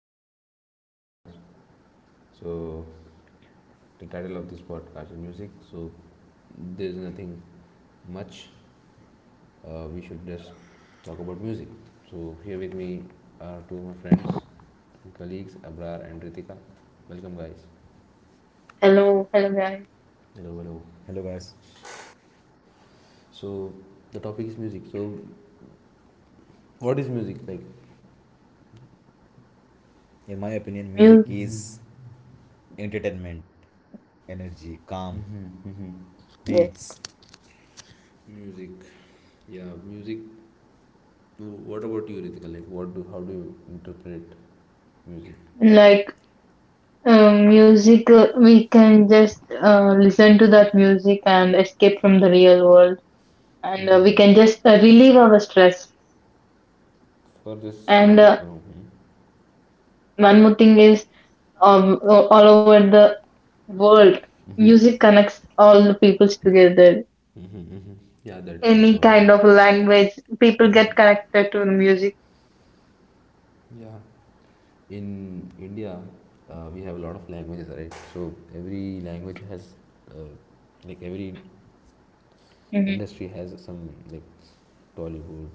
back to the new podcast. So, the title of this podcast is music. So, there's nothing much. We should just talk about music. So, here with me are two of my friends and colleagues, Abrar and Ritika. Welcome, guys. Hello, hello guys. Hello, hello. Hello, guys. So, the topic is music. So, what is music like? In my opinion, music Music, is entertainment, energy, calm, yes. beats. Music. Yeah, music. What about you, Ritika? Like, what do how do you interpret music? like Music, we can just listen to that music and escape from the real world, and we Hmm. can just relieve our stress. For this, And really, uh, Hmm, one more thing is, all over the world, hmm, music connects all the peoples together. hmm, hmm, yeah, that's for Any sure. kind of language, people get Hmm. connected to the music. Yeah, in India, we have a lot of languages, right? So every language has, uh, like, every Hmm, industry has some like Tollywood.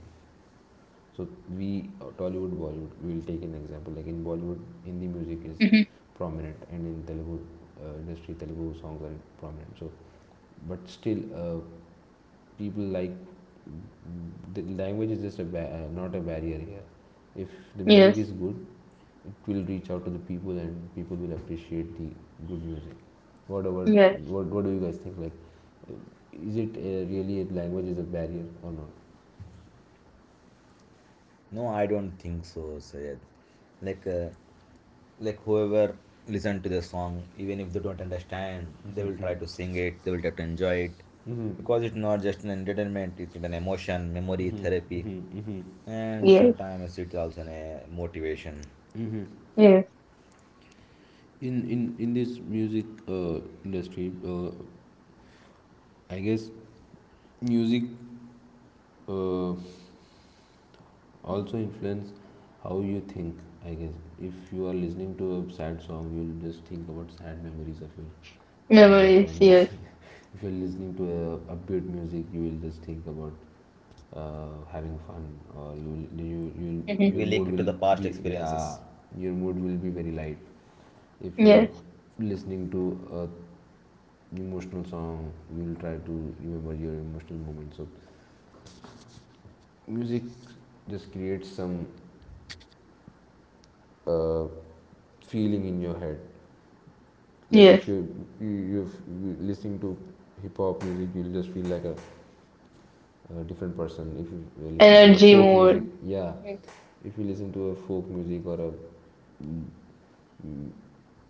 So we Tollywood, Bollywood. We'll take an example. Like in Bollywood, Hindi music is hmm. prominent, and in Telugu industry, Telugu songs are prominent. So, but still people like, the language is just a not a barrier here if the music Yes, is good. It will reach out to the people, and people will appreciate the good music. What about, yes, what do you guys think, like, uh, is it, really, a language is a barrier or not? No, I don't think so, Sayed. Like, uh, like whoever listen to the song, even if they don't understand, they will try to sing it. They will try to enjoy it, Hmm, because it's not just an entertainment. It's an emotion, memory, therapy, hmm, and yes, sometimes it's also a motivation. hmm. yes. In this music industry, uh, I guess music uh, also influence how you think. I guess if you are listening to a sad song, you'll just think about sad memories of your life, Memories, and yes. if you're listening to a upbeat music, you will just think about having fun, or you will Hmm. your We mood link it to will the past be yeah experiences. your mood will be very light if you are Yes, listening to a emotional song. You will try to remember your emotional moments. So music just creates some uh, feeling in your head. Like yes. if you listening to hip hop music, you'll just feel like a different person. If you listen to a Energy folk music, mode. yeah, if you listen to a folk music or a mm, mm,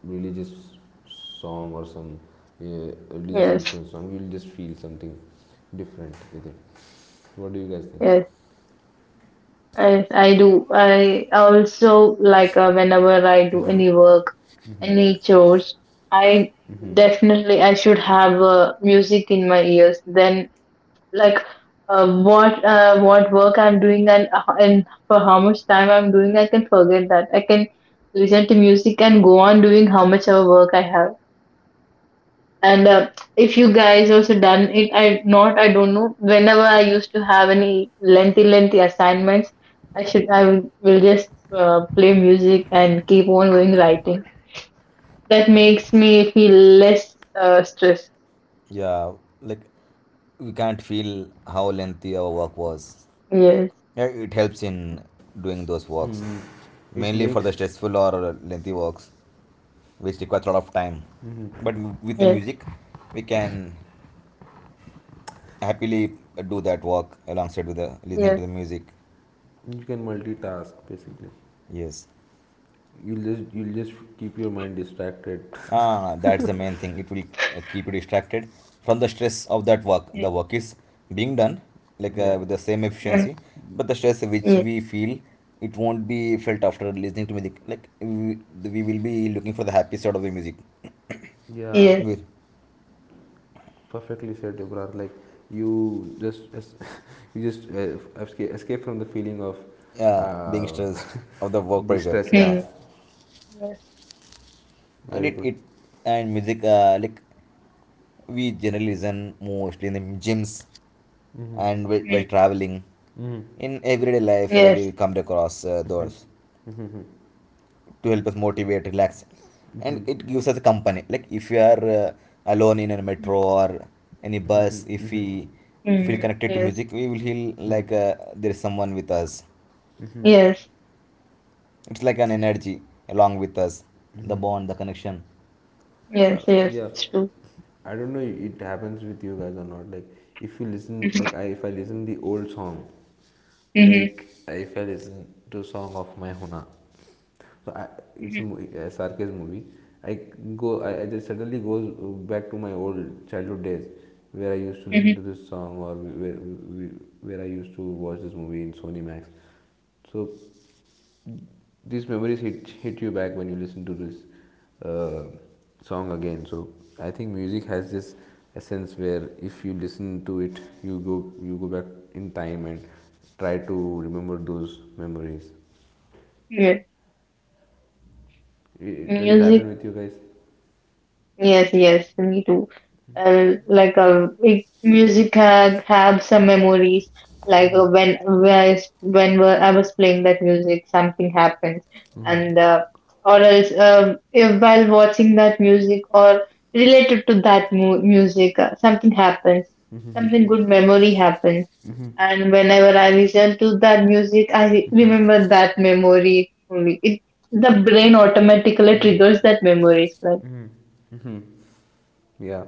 religious song or some uh, religious Yes, influence song, you'll just feel something different with it. What do you guys think? yes. I do. I also like whenever I do Mm-hmm. any work, Mm-hmm. any chores, I Mm-hmm. definitely I should have music in my ears. Then like what work I'm doing and and for how much time I'm doing, I can forget that. I can listen to music and go on doing how much of work I have. And if you guys also done it, I don't know. Whenever I used to have any lengthy assignments, I will just play music and keep on going writing. That makes me feel less stress. Yeah, like we can't feel how lengthy our work was. Yes, Yeah, it helps in doing those walks, It mainly for the makes, stressful or lengthy walks, which requires a lot of time. But with the yes, music, we can happily do that walk alongside with the listening to yes, the music. you can multitask basically. Yes, You'll just keep your mind distracted. ah, that's the main thing. It will keep you distracted from the stress of that work. yes, The work is being done like Yeah. with the same mm, efficiency, but the stress which yes, we feel, it won't be felt after listening to music. Like we will be looking for the happy side of the music. Yeah, yes, With, perfectly said, Deborah. Like you just you just escape, escape from the feeling of yeah, being uh, stressed of the work the pressure, stress. Yeah, mm, yes, and very it good. it and music, like we generally listen mostly in the gyms and while mm, traveling in everyday life. We yes, come across those to help us motivate, relax, and it gives us a company. Like if you are alone in a metro mhm, or any Hmm, bus, if hmm. we feel mhm, connected to yes, music, we will feel like there is someone with us. yes, It's like an energy along with us, the bond, the connection. Uh, yes, yes. yeah, It's true. I don't know it happens with you guys or not. Like if you listen, like I, if I listen the old song, Mm-hmm. like if I listen to song of my Huna, so I, it's a Mm-hmm. movie, a sarcasm movie. I I just suddenly goes back to my old childhood days where I used to Mm-hmm. listen to this song, or where I used to watch this movie in Sony Max. So these memories hit you back when you listen to this uh, song again. So I think music has this essence where if you listen to it, you go back in time and try to remember those memories. Yeah. Does it happen Music. with you guys? Yes, yes, me too. Music had have some memories. When I s- when were- I was playing that music, something happens, and or else if while watching that music or related to that mu music, something happens, something good memory happens, and whenever I listen to that music, remember that memory only. It The brain automatically triggers that memories, Mm-hmm. Yeah.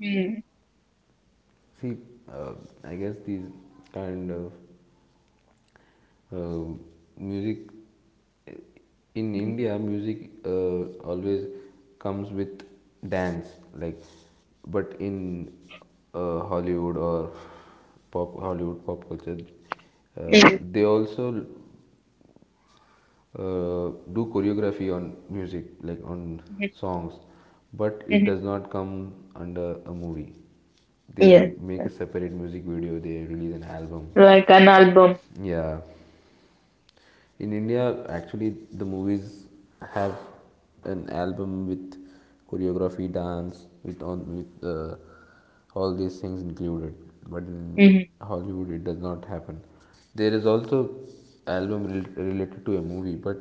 right? See, uh, I guess these kind of uh, music in Mhm. India, music always comes with dance, like, but in Hollywood or pop Hollywood pop culture, Mhm. they also do choreography on music, like on Mhm. songs, but it Mhm. does not come under a movie. They Yes, make a separate music video, they release an album. like an album. Yeah. In India, actually, the movies have an album with choreography, dance, with on with all these things included. But in Mhm. Hollywood, it does not happen. There is also album related to a movie, but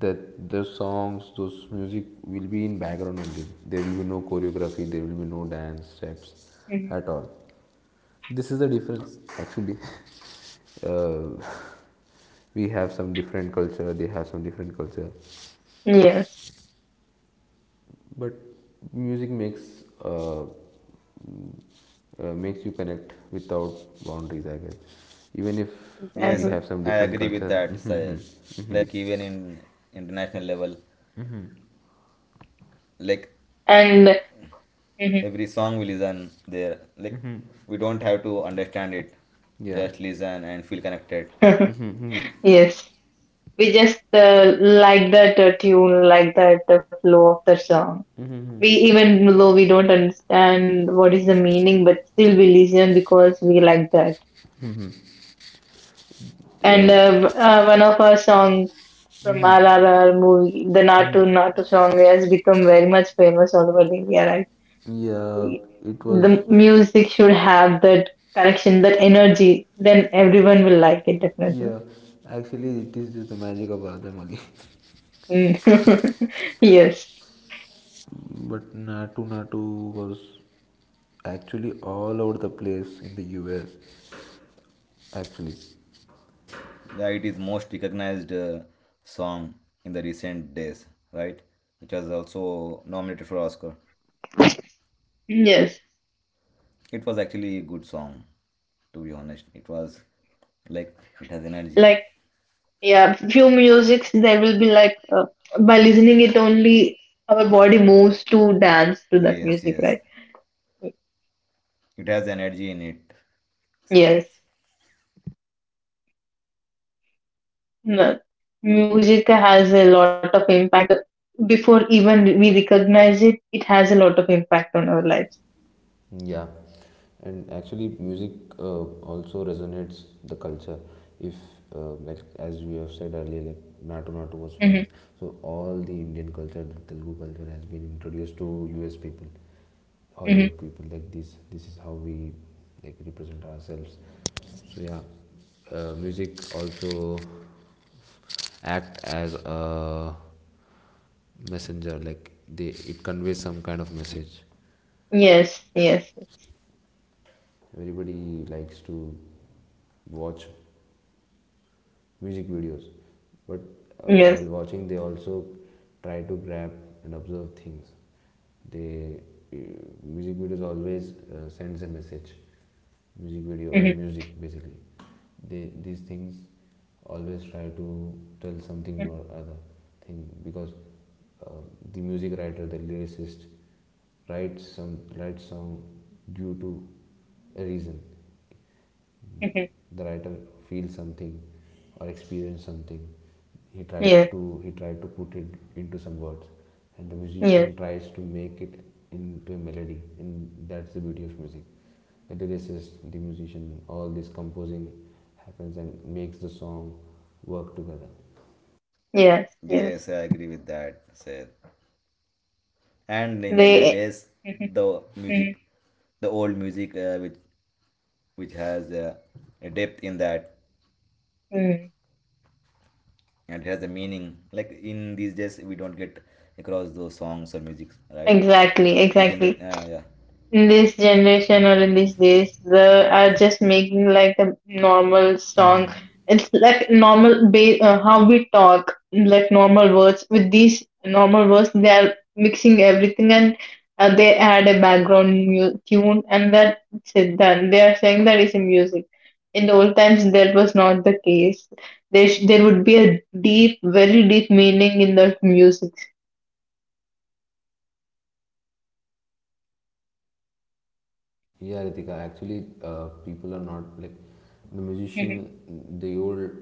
that the songs, those music will be in background only. There will be no choreography. There will be no dance steps Mhm. at all. This is the difference, actually. Uh, we have some different culture. They have some different culture. Yes, But music makes uh, makes you connect without boundaries, I guess. Even if we Yes, exactly. have some I different agree with culture. that, Mm-hmm, Sayed. mm-hmm, mm-hmm, Like even in international level, mm-hmm. like And mhm. every song we listen there, like we don't have to understand it, Yeah. just listen and feel connected. Mm-hmm, mm-hmm. Yes, we just like that tune, like that flow of the song. We Even though we don't understand what is the meaning, but still we listen because we like that. And Uh, one of our songs from RRR movie, the Natu Natu song, has become very much famous all over India, right? yeah. It was. The music should have that connection, that energy. Then everyone will like it definitely. Yeah. Actually, it is just the magic of Radha Mali. Mm. Yes. But Natu Natu was actually all over the place in the US, actually. That it is most recognized song in the recent days, right? Which was also nominated for Oscar. Yes. It was actually a good song, to be honest. It was like it has energy. Like, yeah, few musics there will be by listening it only our body moves to dance to that Yes, music, yes, right? it has energy in it. Yes. No. Music has a lot of impact. Before even we recognize it, it has a lot of impact on our lives. Yeah, and actually, music uh, also resonates the culture. If, like as we have said earlier, like Natu Natu was Mm-hmm. famous, so all the Indian culture, the Telugu culture, has been introduced to U.S. people, Mm-hmm. Hollywood people. Like this is how we like represent ourselves. So yeah, music also act as a messenger, like they, it conveys some kind of message. Yes, yes, Everybody likes to watch music videos, but yes. while watching they also try to grab and observe things. They uh, music videos always sends a message. Music video or Mm-hmm. music basically, they these things always try to tell something or other thing because uh, the music writer, the lyricist, writes some writes song due to a reason. Mhm. The writer feels something or experiences something. Yes, He tried to put it into some words, and the yes, musician tries to make it into a melody, and that's the beauty of music. The lyricist, the musician, all this composing happens and makes the song work together. yes, yes. Yes, I agree with that, Sayed. And in earlier They, days, mhm, the music, mhm, the old music, which has a depth in that mhm. and has a meaning, like in these days we don't get across those songs or music, right? Exactly, We exactly. generally, yeah, In this generation or in these days they are just making like a normal song. Mm-hmm. It's like how we talk, like normal words. With these normal words they are mixing everything, and they add a background tune and that's it done. They are saying that is a music. In the old times that was not the case. There would be a deep, very deep meaning in the music. Yeah, Ritika, actually, people are not like the musician. Mhm, The old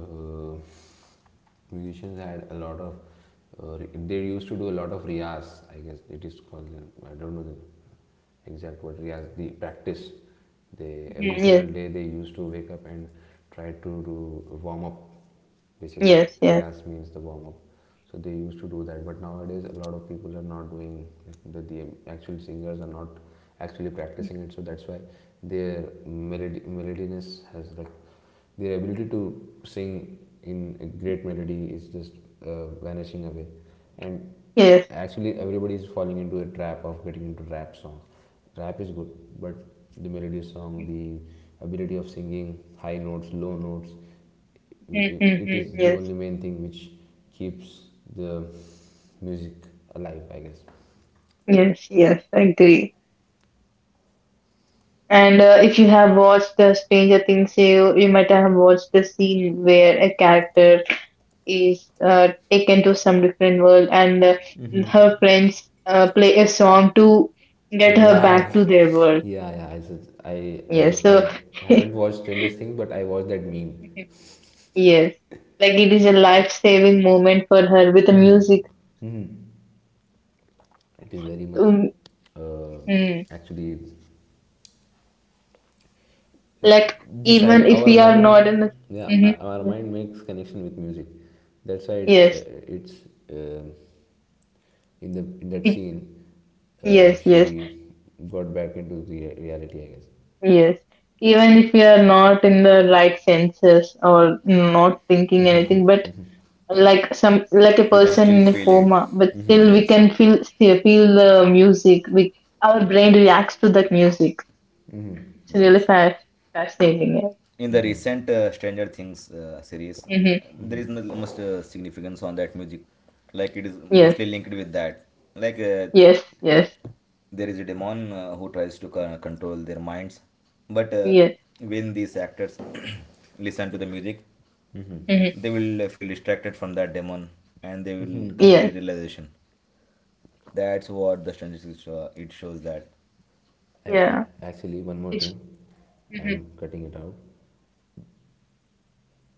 uh, musicians had a lot of uh, they used to do a lot of riyas, I guess it is called. I don't know the exact word. Riyas, the practice. They Every mhm. single Yes, day they used to wake up and try to do warm up basically. yes, yes, Riyas means the warm up. So they used to do that, but nowadays a lot of people are not doing, like, the actual singers are not actually practicing it. So that's why their melodiness has like, their ability to sing in a great melody is just vanishing away. And yes. actually, everybody is falling into a trap of getting into rap songs. Rap is good, but the melody song, the ability of singing high notes, low notes, Mhm, mhm, it mhm. is the Yes. only main thing which keeps the music alive, I guess. Yes, yes, I agree. And If you have watched the Stranger Things, you might have watched the scene where a character is taken to some different world, and her friends play a song to get her Yeah, back to their world. yeah, yeah. I said I I Yes, don't so I haven't watched Stranger Things, but I watched that meme. yes, like it is a life-saving moment for her with the music. Mm-hmm. Mm-hmm. It is very much Um, uh, mm. actually it's Like even the if our we are not mind, in the, yeah, our mhm. mind makes connection with music. That's why Yes, it's uh, in the in that it, scene, yes, yes. she got back into the reality, I guess. Yes, even if we are not in the right senses or not thinking anything, but like some, like a we can person still in a feel it. coma, but still we Yes, can feel, still feel the music. We Our brain reacts to that music. It's really yes, fa- fascinating. in the recent, Stranger Things, series, Yeah. Mm-hmm. there is not much significance on that music, like it is Yes, mostly linked with that. Like, yes, yes, there is a demon, who tries to control their minds, but yes, when these actors listen to the music, Mm-hmm. hmm, they will feel distracted from that demon, and they will come into yes, realization. That's what the it shows that. Yeah. Actually one more It's thing, mm I'm cutting it out.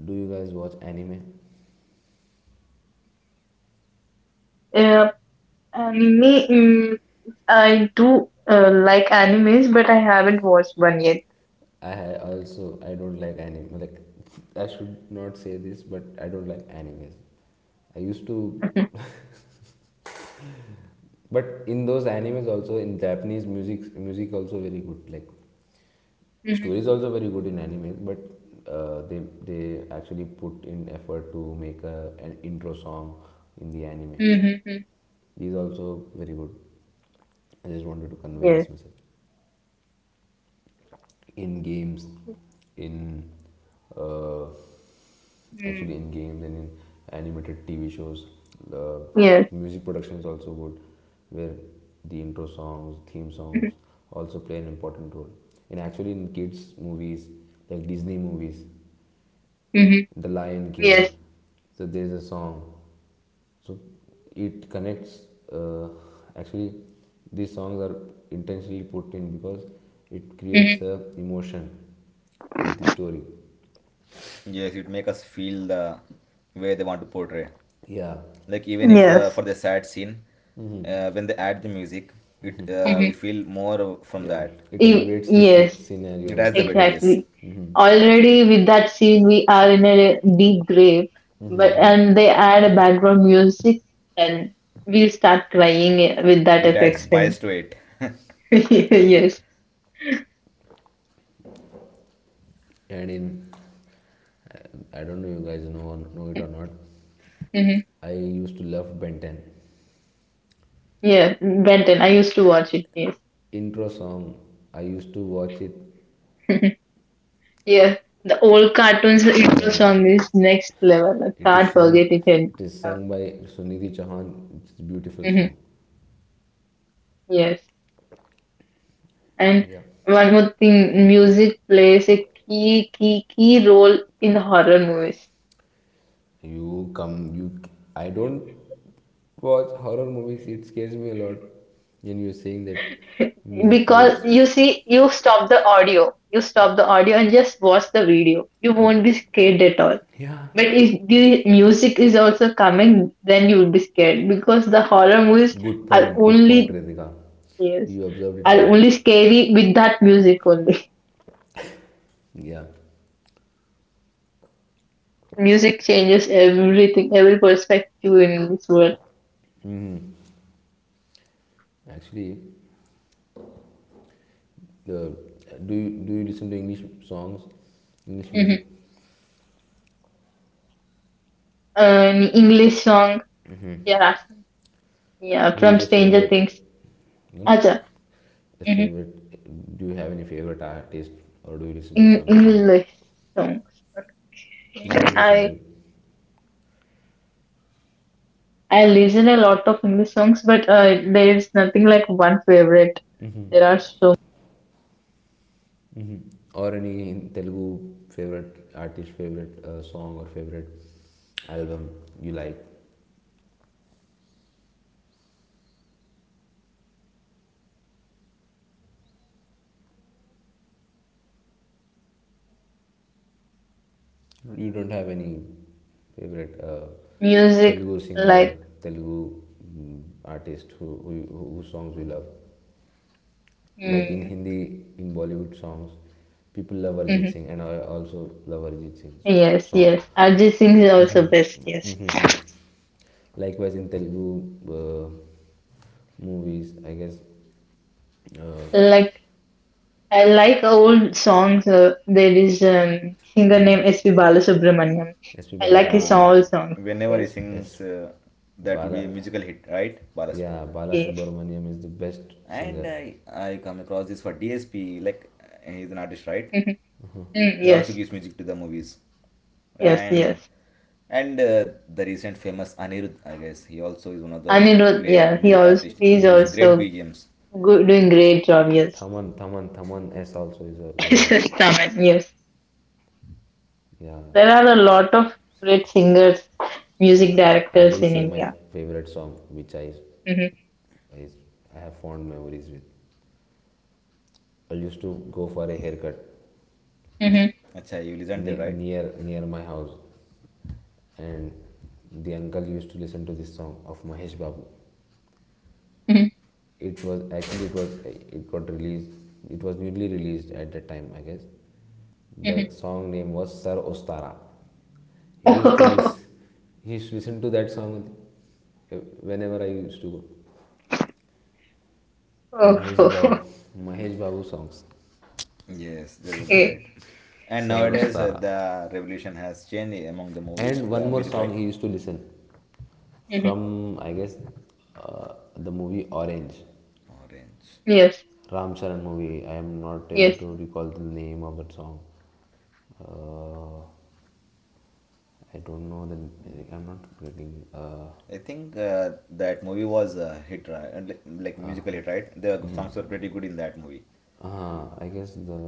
Do you guys watch anime? yeah. Anime. Mm, I do like animes, but I haven't watched one yet. I also, I don't like anime. Like I should not say this, but I don't like animes. I used to. But in those animes also, in Japanese, music also very good. Like Mm-hmm. stories also very good in animes, but they actually put in effort to make a, an intro song in the anime. Mm-hmm. These also very good. I just wanted to convey Yes. this message. In games, in uh, actually Mm. in games and in animated TV shows. The Yes. music production is also good, where the intro songs, theme Mm-hmm. songs also play an important role. And actually, in kids' movies like Disney movies, The Lion King, Yes. so there's a song. So it connects. Actually, these songs are intentionally put in because it creates Mm-hmm. a emotion with the story. Yes, it make us feel the way they want to portray. Yeah, Like even if, Yes. for the sad scene, hmm, when they add the music, it, Mm-hmm. we feel more from yeah. that. It elevates the Yes. It scenario. has It the better. elevates. Yes, Exactly. Hmm. Already with that scene, we are in a deep grave, but and they add a background music, and we'll start crying with that it adds effects spice in. to it. Yes. And in, I don't know you guys know or know it or not. Mm-hmm. I used to love Ben 10 Yeah. Benton. I used to watch it. Yes. intro song. I used to watch it. Yeah, the old cartoons intro Yeah, song is next level. I it is can't forget sung. it. And, It is uh, sung by Sunidhi Chauhan. It's a beautiful mm-hmm. song. Yes. And Yeah, one more thing, music plays a key role in horror movies. you come. You. I don't watch horror movies. It scares me a lot. And you're saying that music Because creates. you see, you stop the audio and just watch the video. You won't be scared at all. Yeah. But if the music is also coming, then you will be scared, because the horror movies are Good point, only Ritika. yes, You observed it are right. only scary with that music only. Yeah, Music changes everything, every perspective in this world. actually, the, do you listen to English songs, English music? Hmm. An English song, yeah, yeah, Who is from your Stranger favorite? Things. You know, Acha, a hmm, favorite. Do you have any favorite artist, or do you listen to in some songs? English songs. You Okay. don't listen to, I it, I listen a lot of English songs, but there is nothing like one favorite. There are so mm-hmm, or any Telugu favorite artist, favorite song, or favorite album you like. You don't have any favorite music Telugu singer, like Telugu, mm, artist who, whose songs we love. Like in hmm, Hindi, in Bollywood songs, people love Arjit mm-hmm. Singh, and I also love Arjit Singh's Yes, song. yes. Arjit Singh is also best. Yes, Likewise, in Telugu uh, movies, I guess uh, like I like old songs. There is singer named S P Balasubramaniam. S.P. I like his Yeah, all Balasubramanian, songs. whenever he Yes, S. sings, that would Bala, be a musical hit, right? Barasman. yeah, yes, Balasubramaniam is the best And singer. I come across this for DSP, like, he's an artist, right? hmm, mm, He also yes, gives music to the movies. yes, And yes. and the recent famous Anirudh, I guess, he also is one of the Anirudh, yeah, great he music also artists, he's which gives Mm. great also B G M's. good, doing great job. Yes, Thaman S also is a very good. Staman, yes. Yeah, There are a lot of great singers, music Yeah. I directors will in say my India. favorite song, which Mm-hmm. I, I have fond memories with. I used to go for a haircut Mm-hmm. Acha, you listened there, right? Near my house, and the uncle used to listen to this song of Mahesh Babu. It was actually it got released. It was newly released at that time, I guess. Mm-hmm. The song name was Sar Ostara. He used to Mm-hmm. listen. He used to listen to that song whenever I used to go. Mahesh Babu, Oh, Mahesh Babu songs, Yes, they were okay. great. And Sar nowadays, Ostara, the revolution has changed among the movie, and one the more music, song right? he used to listen. Hmm. From, I guess, the movie Orange, Orange. Yes, Ram Charan movie. I am not able yes, to recall the name of that song. Uh, I don't know the. I'm not getting. I think that movie was a hit, right? And like musical hit, right? The songs were pretty good in that movie. I guess the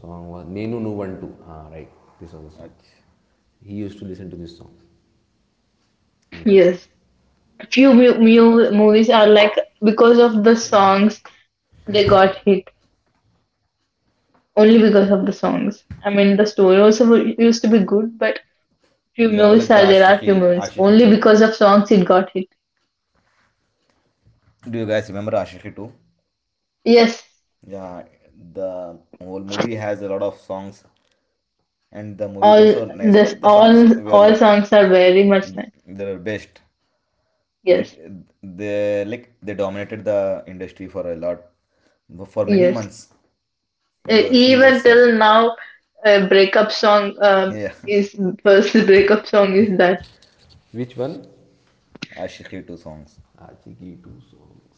song was Nenu Nuvantu. Ah, right. This was the song. Ach- He used to listen to this song, Uncle. yes. Few movies are like because of the songs they got hit, only because of the songs. I mean, the story also used to be good, but few Yeah, movies like the are there are few movies Ashiqui only 2. because of songs it got hit. Do you guys remember Ashiqui 2? Yes, Yeah, the whole movie has a lot of songs, and the movie is all also nice, this but the songs were all like songs are very much nice. they were best. Like Yes, they dominated the industry for a lot, for many yes. months. It was still the Even same. till now, a breakup song Yeah, is first breakup song is that. Which one? Ashiqui 2 songs. Aajiki two songs.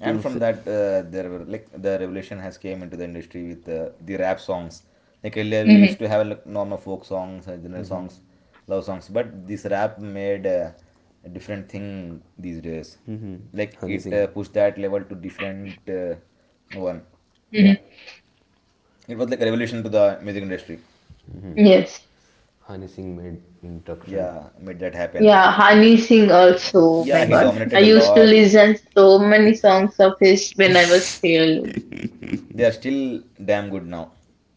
And Tumse. Songs Tumse from that, there were like the revolution has came into the industry with, the rap songs, like earlier we Hmm, used to have like normal folk songs, general songs, love songs, but this rap made, a different thing these days, like Honey it, Singh. Pushed that level to different, one. Yeah. hmm. It was like a revolution to the music industry. Yes, Honey Singh made introduction. Yeah, made that happen. yeah. Hani Singh also. Oh Yeah, my he God, I dominated a used to lot. listen so many songs of his when I was still. They are still damn good now.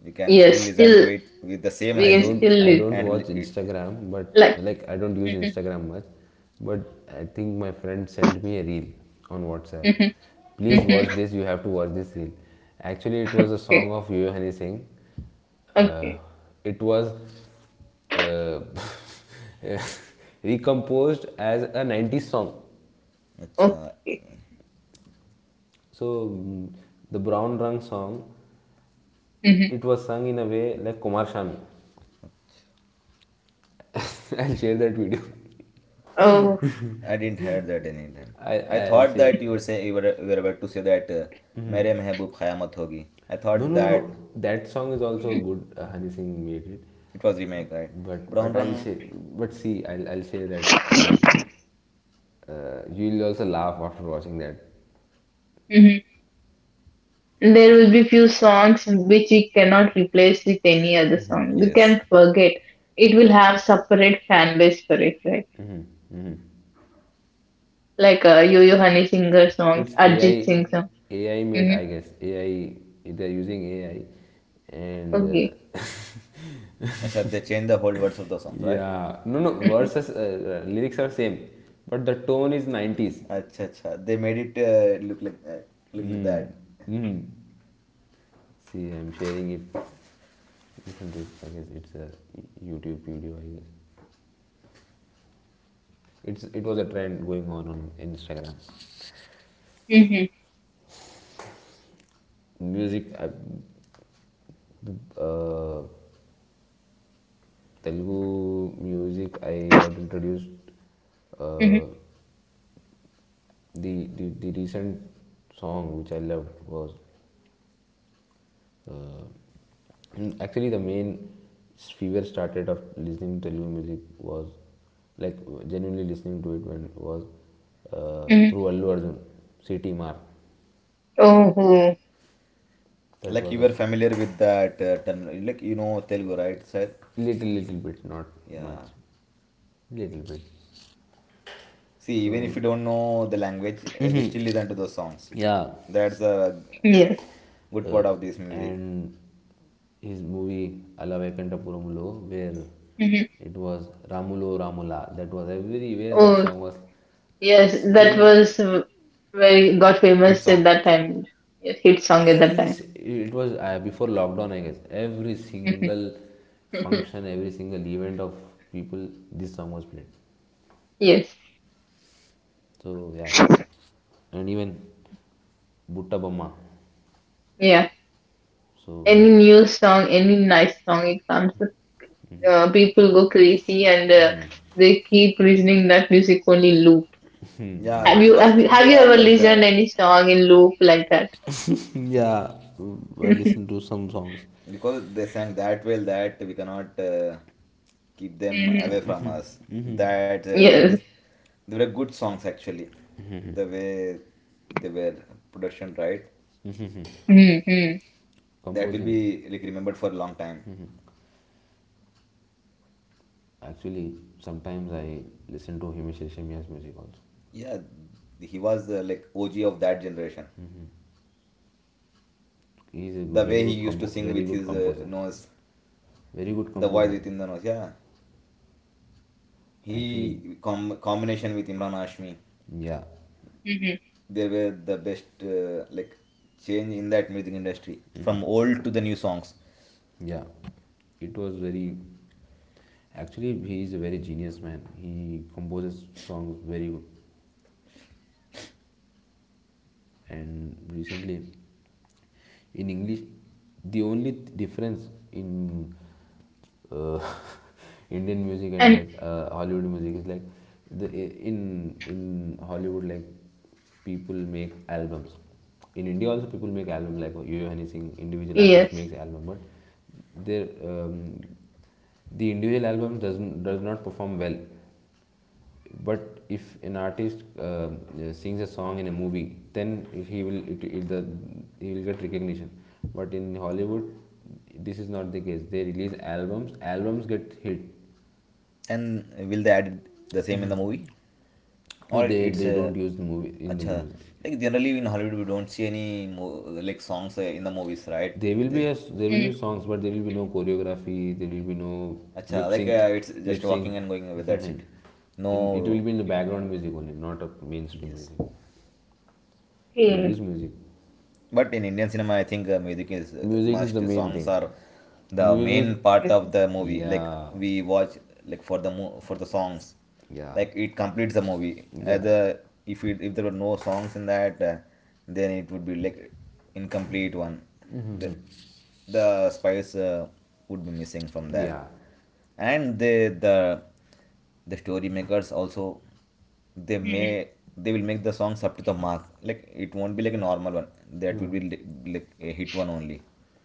You can still Yes, listen to still it with the same we I can energy, don't still I live don't and watch it. Instagram, but like. like I don't use Hmm. Instagram much. But I think my friend sent me a reel on WhatsApp. Hmm. Please Hmm. watch this. You have to watch this reel. Actually, it was a song Okay, of Yohani Singh. Uh, okay, it was uh, recomposed as a 90s song. Acha. okay. Eh, So mm, the Brown Rung song, Hmm. it was sung in a way like Kumar Sanu. acha. I'll share that video. Oh. I didn't hear that any time. I I I'll thought share. that you were about to say that, Mere Mehboob Khayamat Hogi. I No, thought no, no. that No. That song is also good. Hani Singh made it, it was remake, right? but Brown I'll Rang. share. But see, I'll share that reel. You'll also laugh after watching that. Hmm. There will be few songs which we cannot replace with any other song. We Yes. can forget. It will have separate fan base for it, right? Hmm hmm Like Yo-Yo Honey Singer songs, It's Arjit AI, Singh song. AI made. Hmm. I guess AI. They're using AI, and Okay. Acha, they changed the whole words of the songs, right? yeah. No, no. Verses lyrics are same, but the tone is nineties. Acha, acha. They made it look like that. See, I'm sharing it. Listen to it. I guess it's a YouTube video. I guess. It's it was a trend going on Instagram. Mm-hmm. Music, I, Telugu music, I got introduced. Mm-hmm. Uh, the the recent song which I loved was uh, actually the main fever started of listening to Telugu music was like genuinely listening to it when was Mm-hmm. through Allu Arjun, City Mar. Oh, oh, That Like was you a were familiar with that, term, like you know Telugu, right, sir? little little bit, not much, Yeah. little bit. See, even if So you don't know the language, we still listen to those songs. yeah, That's a g- yes. g- good uh, part of this music. and his movie Alavekanta Purumulo, where Mm-hmm. it was Ramulo Ramula. That was everywhere. That Oh, song was yes. That still was very got Hit famous at song. that time. Yes, hit song at that every. time. si, it was before lockdown, I guess. Every Mhm. single function, every single event of people, this song was played. Yes. So yeah, and even Butta Bamma. Yeah. So Any new song, any nice song, it comes people go crazy and they keep listening that music only loop. Yeah, yeah, because Have they you are ever like listened that. any song in loop like that? yeah. I listened to some songs. Because they sang that well that we cannot keep Hmm. them Uh, away from mhm, us. mhm. Yes. They were good songs actually. The way they were production, right? Mhm. Mm-hmm. That will Composing. be like remembered for a long time. Hmm Actually, sometimes I listen to Himesh Reshamya's music also. Yeah, he was like OG of that generation. He is a good, The very way he good used to compo- sing very with good his, composer. nose, Very good the voice composer. within the nose. Yeah, Actually, combination with Imran Hashmi, yeah, Hmm. they were the best, like change in that music industry hmm from old to the new songs. yeah. It was very. Actually, he is a very genius man. He composes songs very good. And recently in English the only difference in uh, Indian music and And like Hollywood music is like the in Hollywood like people make albums in India also people make album like Yo Yo Honey Singh individual artist yes. makes album, but their the individual album does not perform well, but if an artist sings a song in a movie, then he will it, it, the, he will get recognition. But in Hollywood, this is not the case. They release albums. Albums get hit. And will they add the same in the movie, No, or they it's they a... don't use the movie in the Acha, movies. like generally in Hollywood we don't see any like songs, in the movies, right? There will be They... there will Mm-hmm. be songs, but there will be no choreography. There will be no Acha, lip like, sync. It's Lip just walking sync. and going away. That's it. In, it No. will be in the background music only, not a mainstream Yes, music. They Hmm. use music. but in Indian cinema, I think music is Music is the must. main Songs thing. are the main Music, part of the movie. Like yeah, we watch, like, for the songs, yeah, like it completes the movie. Yeah, The if it if there were no songs in that, then it would be like incomplete one. The, the spice, would be missing from that, yeah, and the story makers also, they may they will make the songs up to the mark, like it won't be like a normal one, that will be mm. Like a hit one only.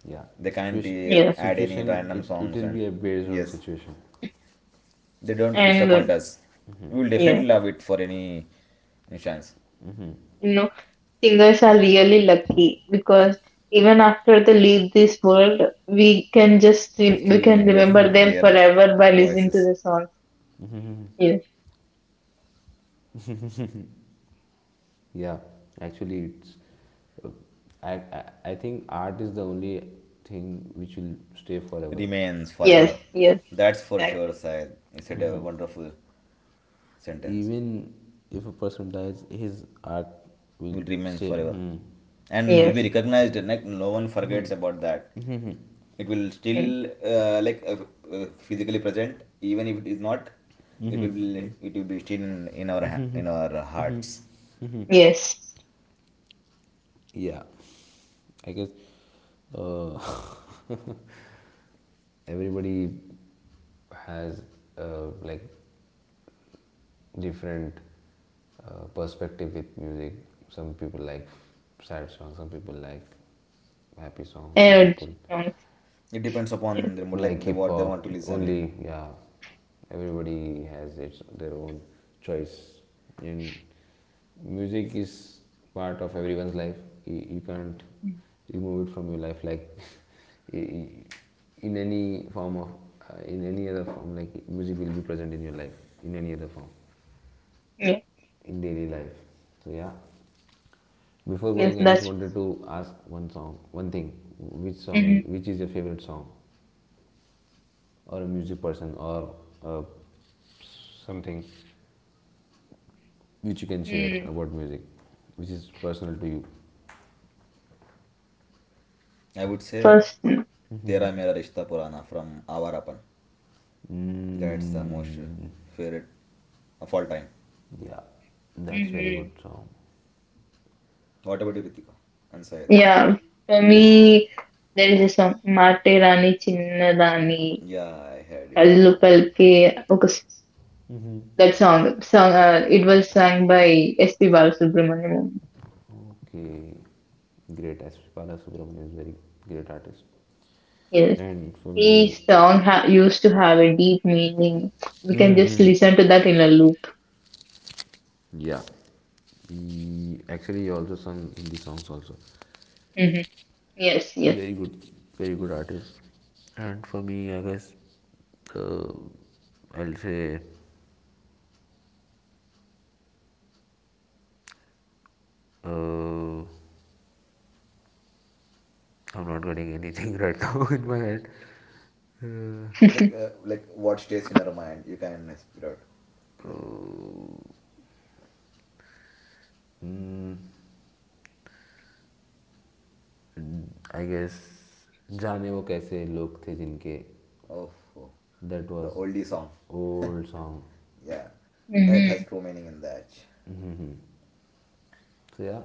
Yeah. They can't Situation, Yes. Add any situation. random It songs. will And be a based on yes, situation. they don't And disappoint us. Hmm We will Yeah, definitely love it for any chance. hmm you know, singers are really lucky because even after they leave this world, we Still can hears remember them their forever by listening voices. to the songs. Yes. Yeah, actually, it's I think art is the only thing which will stay forever. Remains Hmm Yes. forever. Yes. That's for Exactly. sure, Syed. He said a hmm wonderful sentence. Even if a person dies, his art will Will remains stay. forever Hmm and will be Yes. recognized. Like no one forgets about that. It will Mm. still, physically present, even if it is not. It will be still in our hearts. Yes. Yeah, I guess uh, everybody has like different perspective with music. Some people like sad songs, some people like happy songs, some And people songs. It depends Yes. upon the mood, like like, hip what they want to hop. listen. Only yeah, everybody has its their own choice, and music is part of everyone's life. You can't Mm. remove it from your life like in any form of in any other form like music will be present in your life in any other form Yeah. in daily life, so yeah. Before Yes, going, I just that's wanted to ask one thing. Hmm Which is your favorite song, or a music person, or uh, something which you can share about music, which is personal to you? I would say first. Tera Mera Rishta Purana from Avarapan. That's the most Mm, favorite of all time. yeah, that's very Mm-hmm. good song. What about you, Ritika and Syed? Yeah. For me, there is a song Mate Rani Chinna Rani Yeah, I heard it. Kallu Palke. That song. Song. It was sung by S.P. Balasubramaniam. Okay, great. Aspala Subramanian is very great artist. Yes. And for me, Used to have a deep meaning. We can just listen to that in a loop. yeah, he actually also sung Hindi songs also. Hmm. Yes. Yes. Very good, very good artist. And for me, I guess uh, I'll say Uh, I'm not getting anything right now in my head. Like what stays in your mind? You can spit out. Like, I guess जाने वो कैसे लोग थे जिनके oh, oh, that the was oldie song. Old song Yeah, that has true meaning in that. So yeah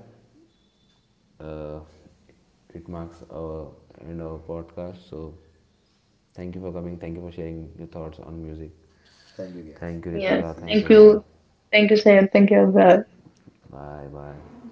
it marks our end our podcast so thank you for coming thank you for sharing your thoughts on music Thank you, guys. Thank you Yeah. Ritika See you thank you Thank soon. Brother you. Thank you, Sam. Thank you, Azhar. Bye bye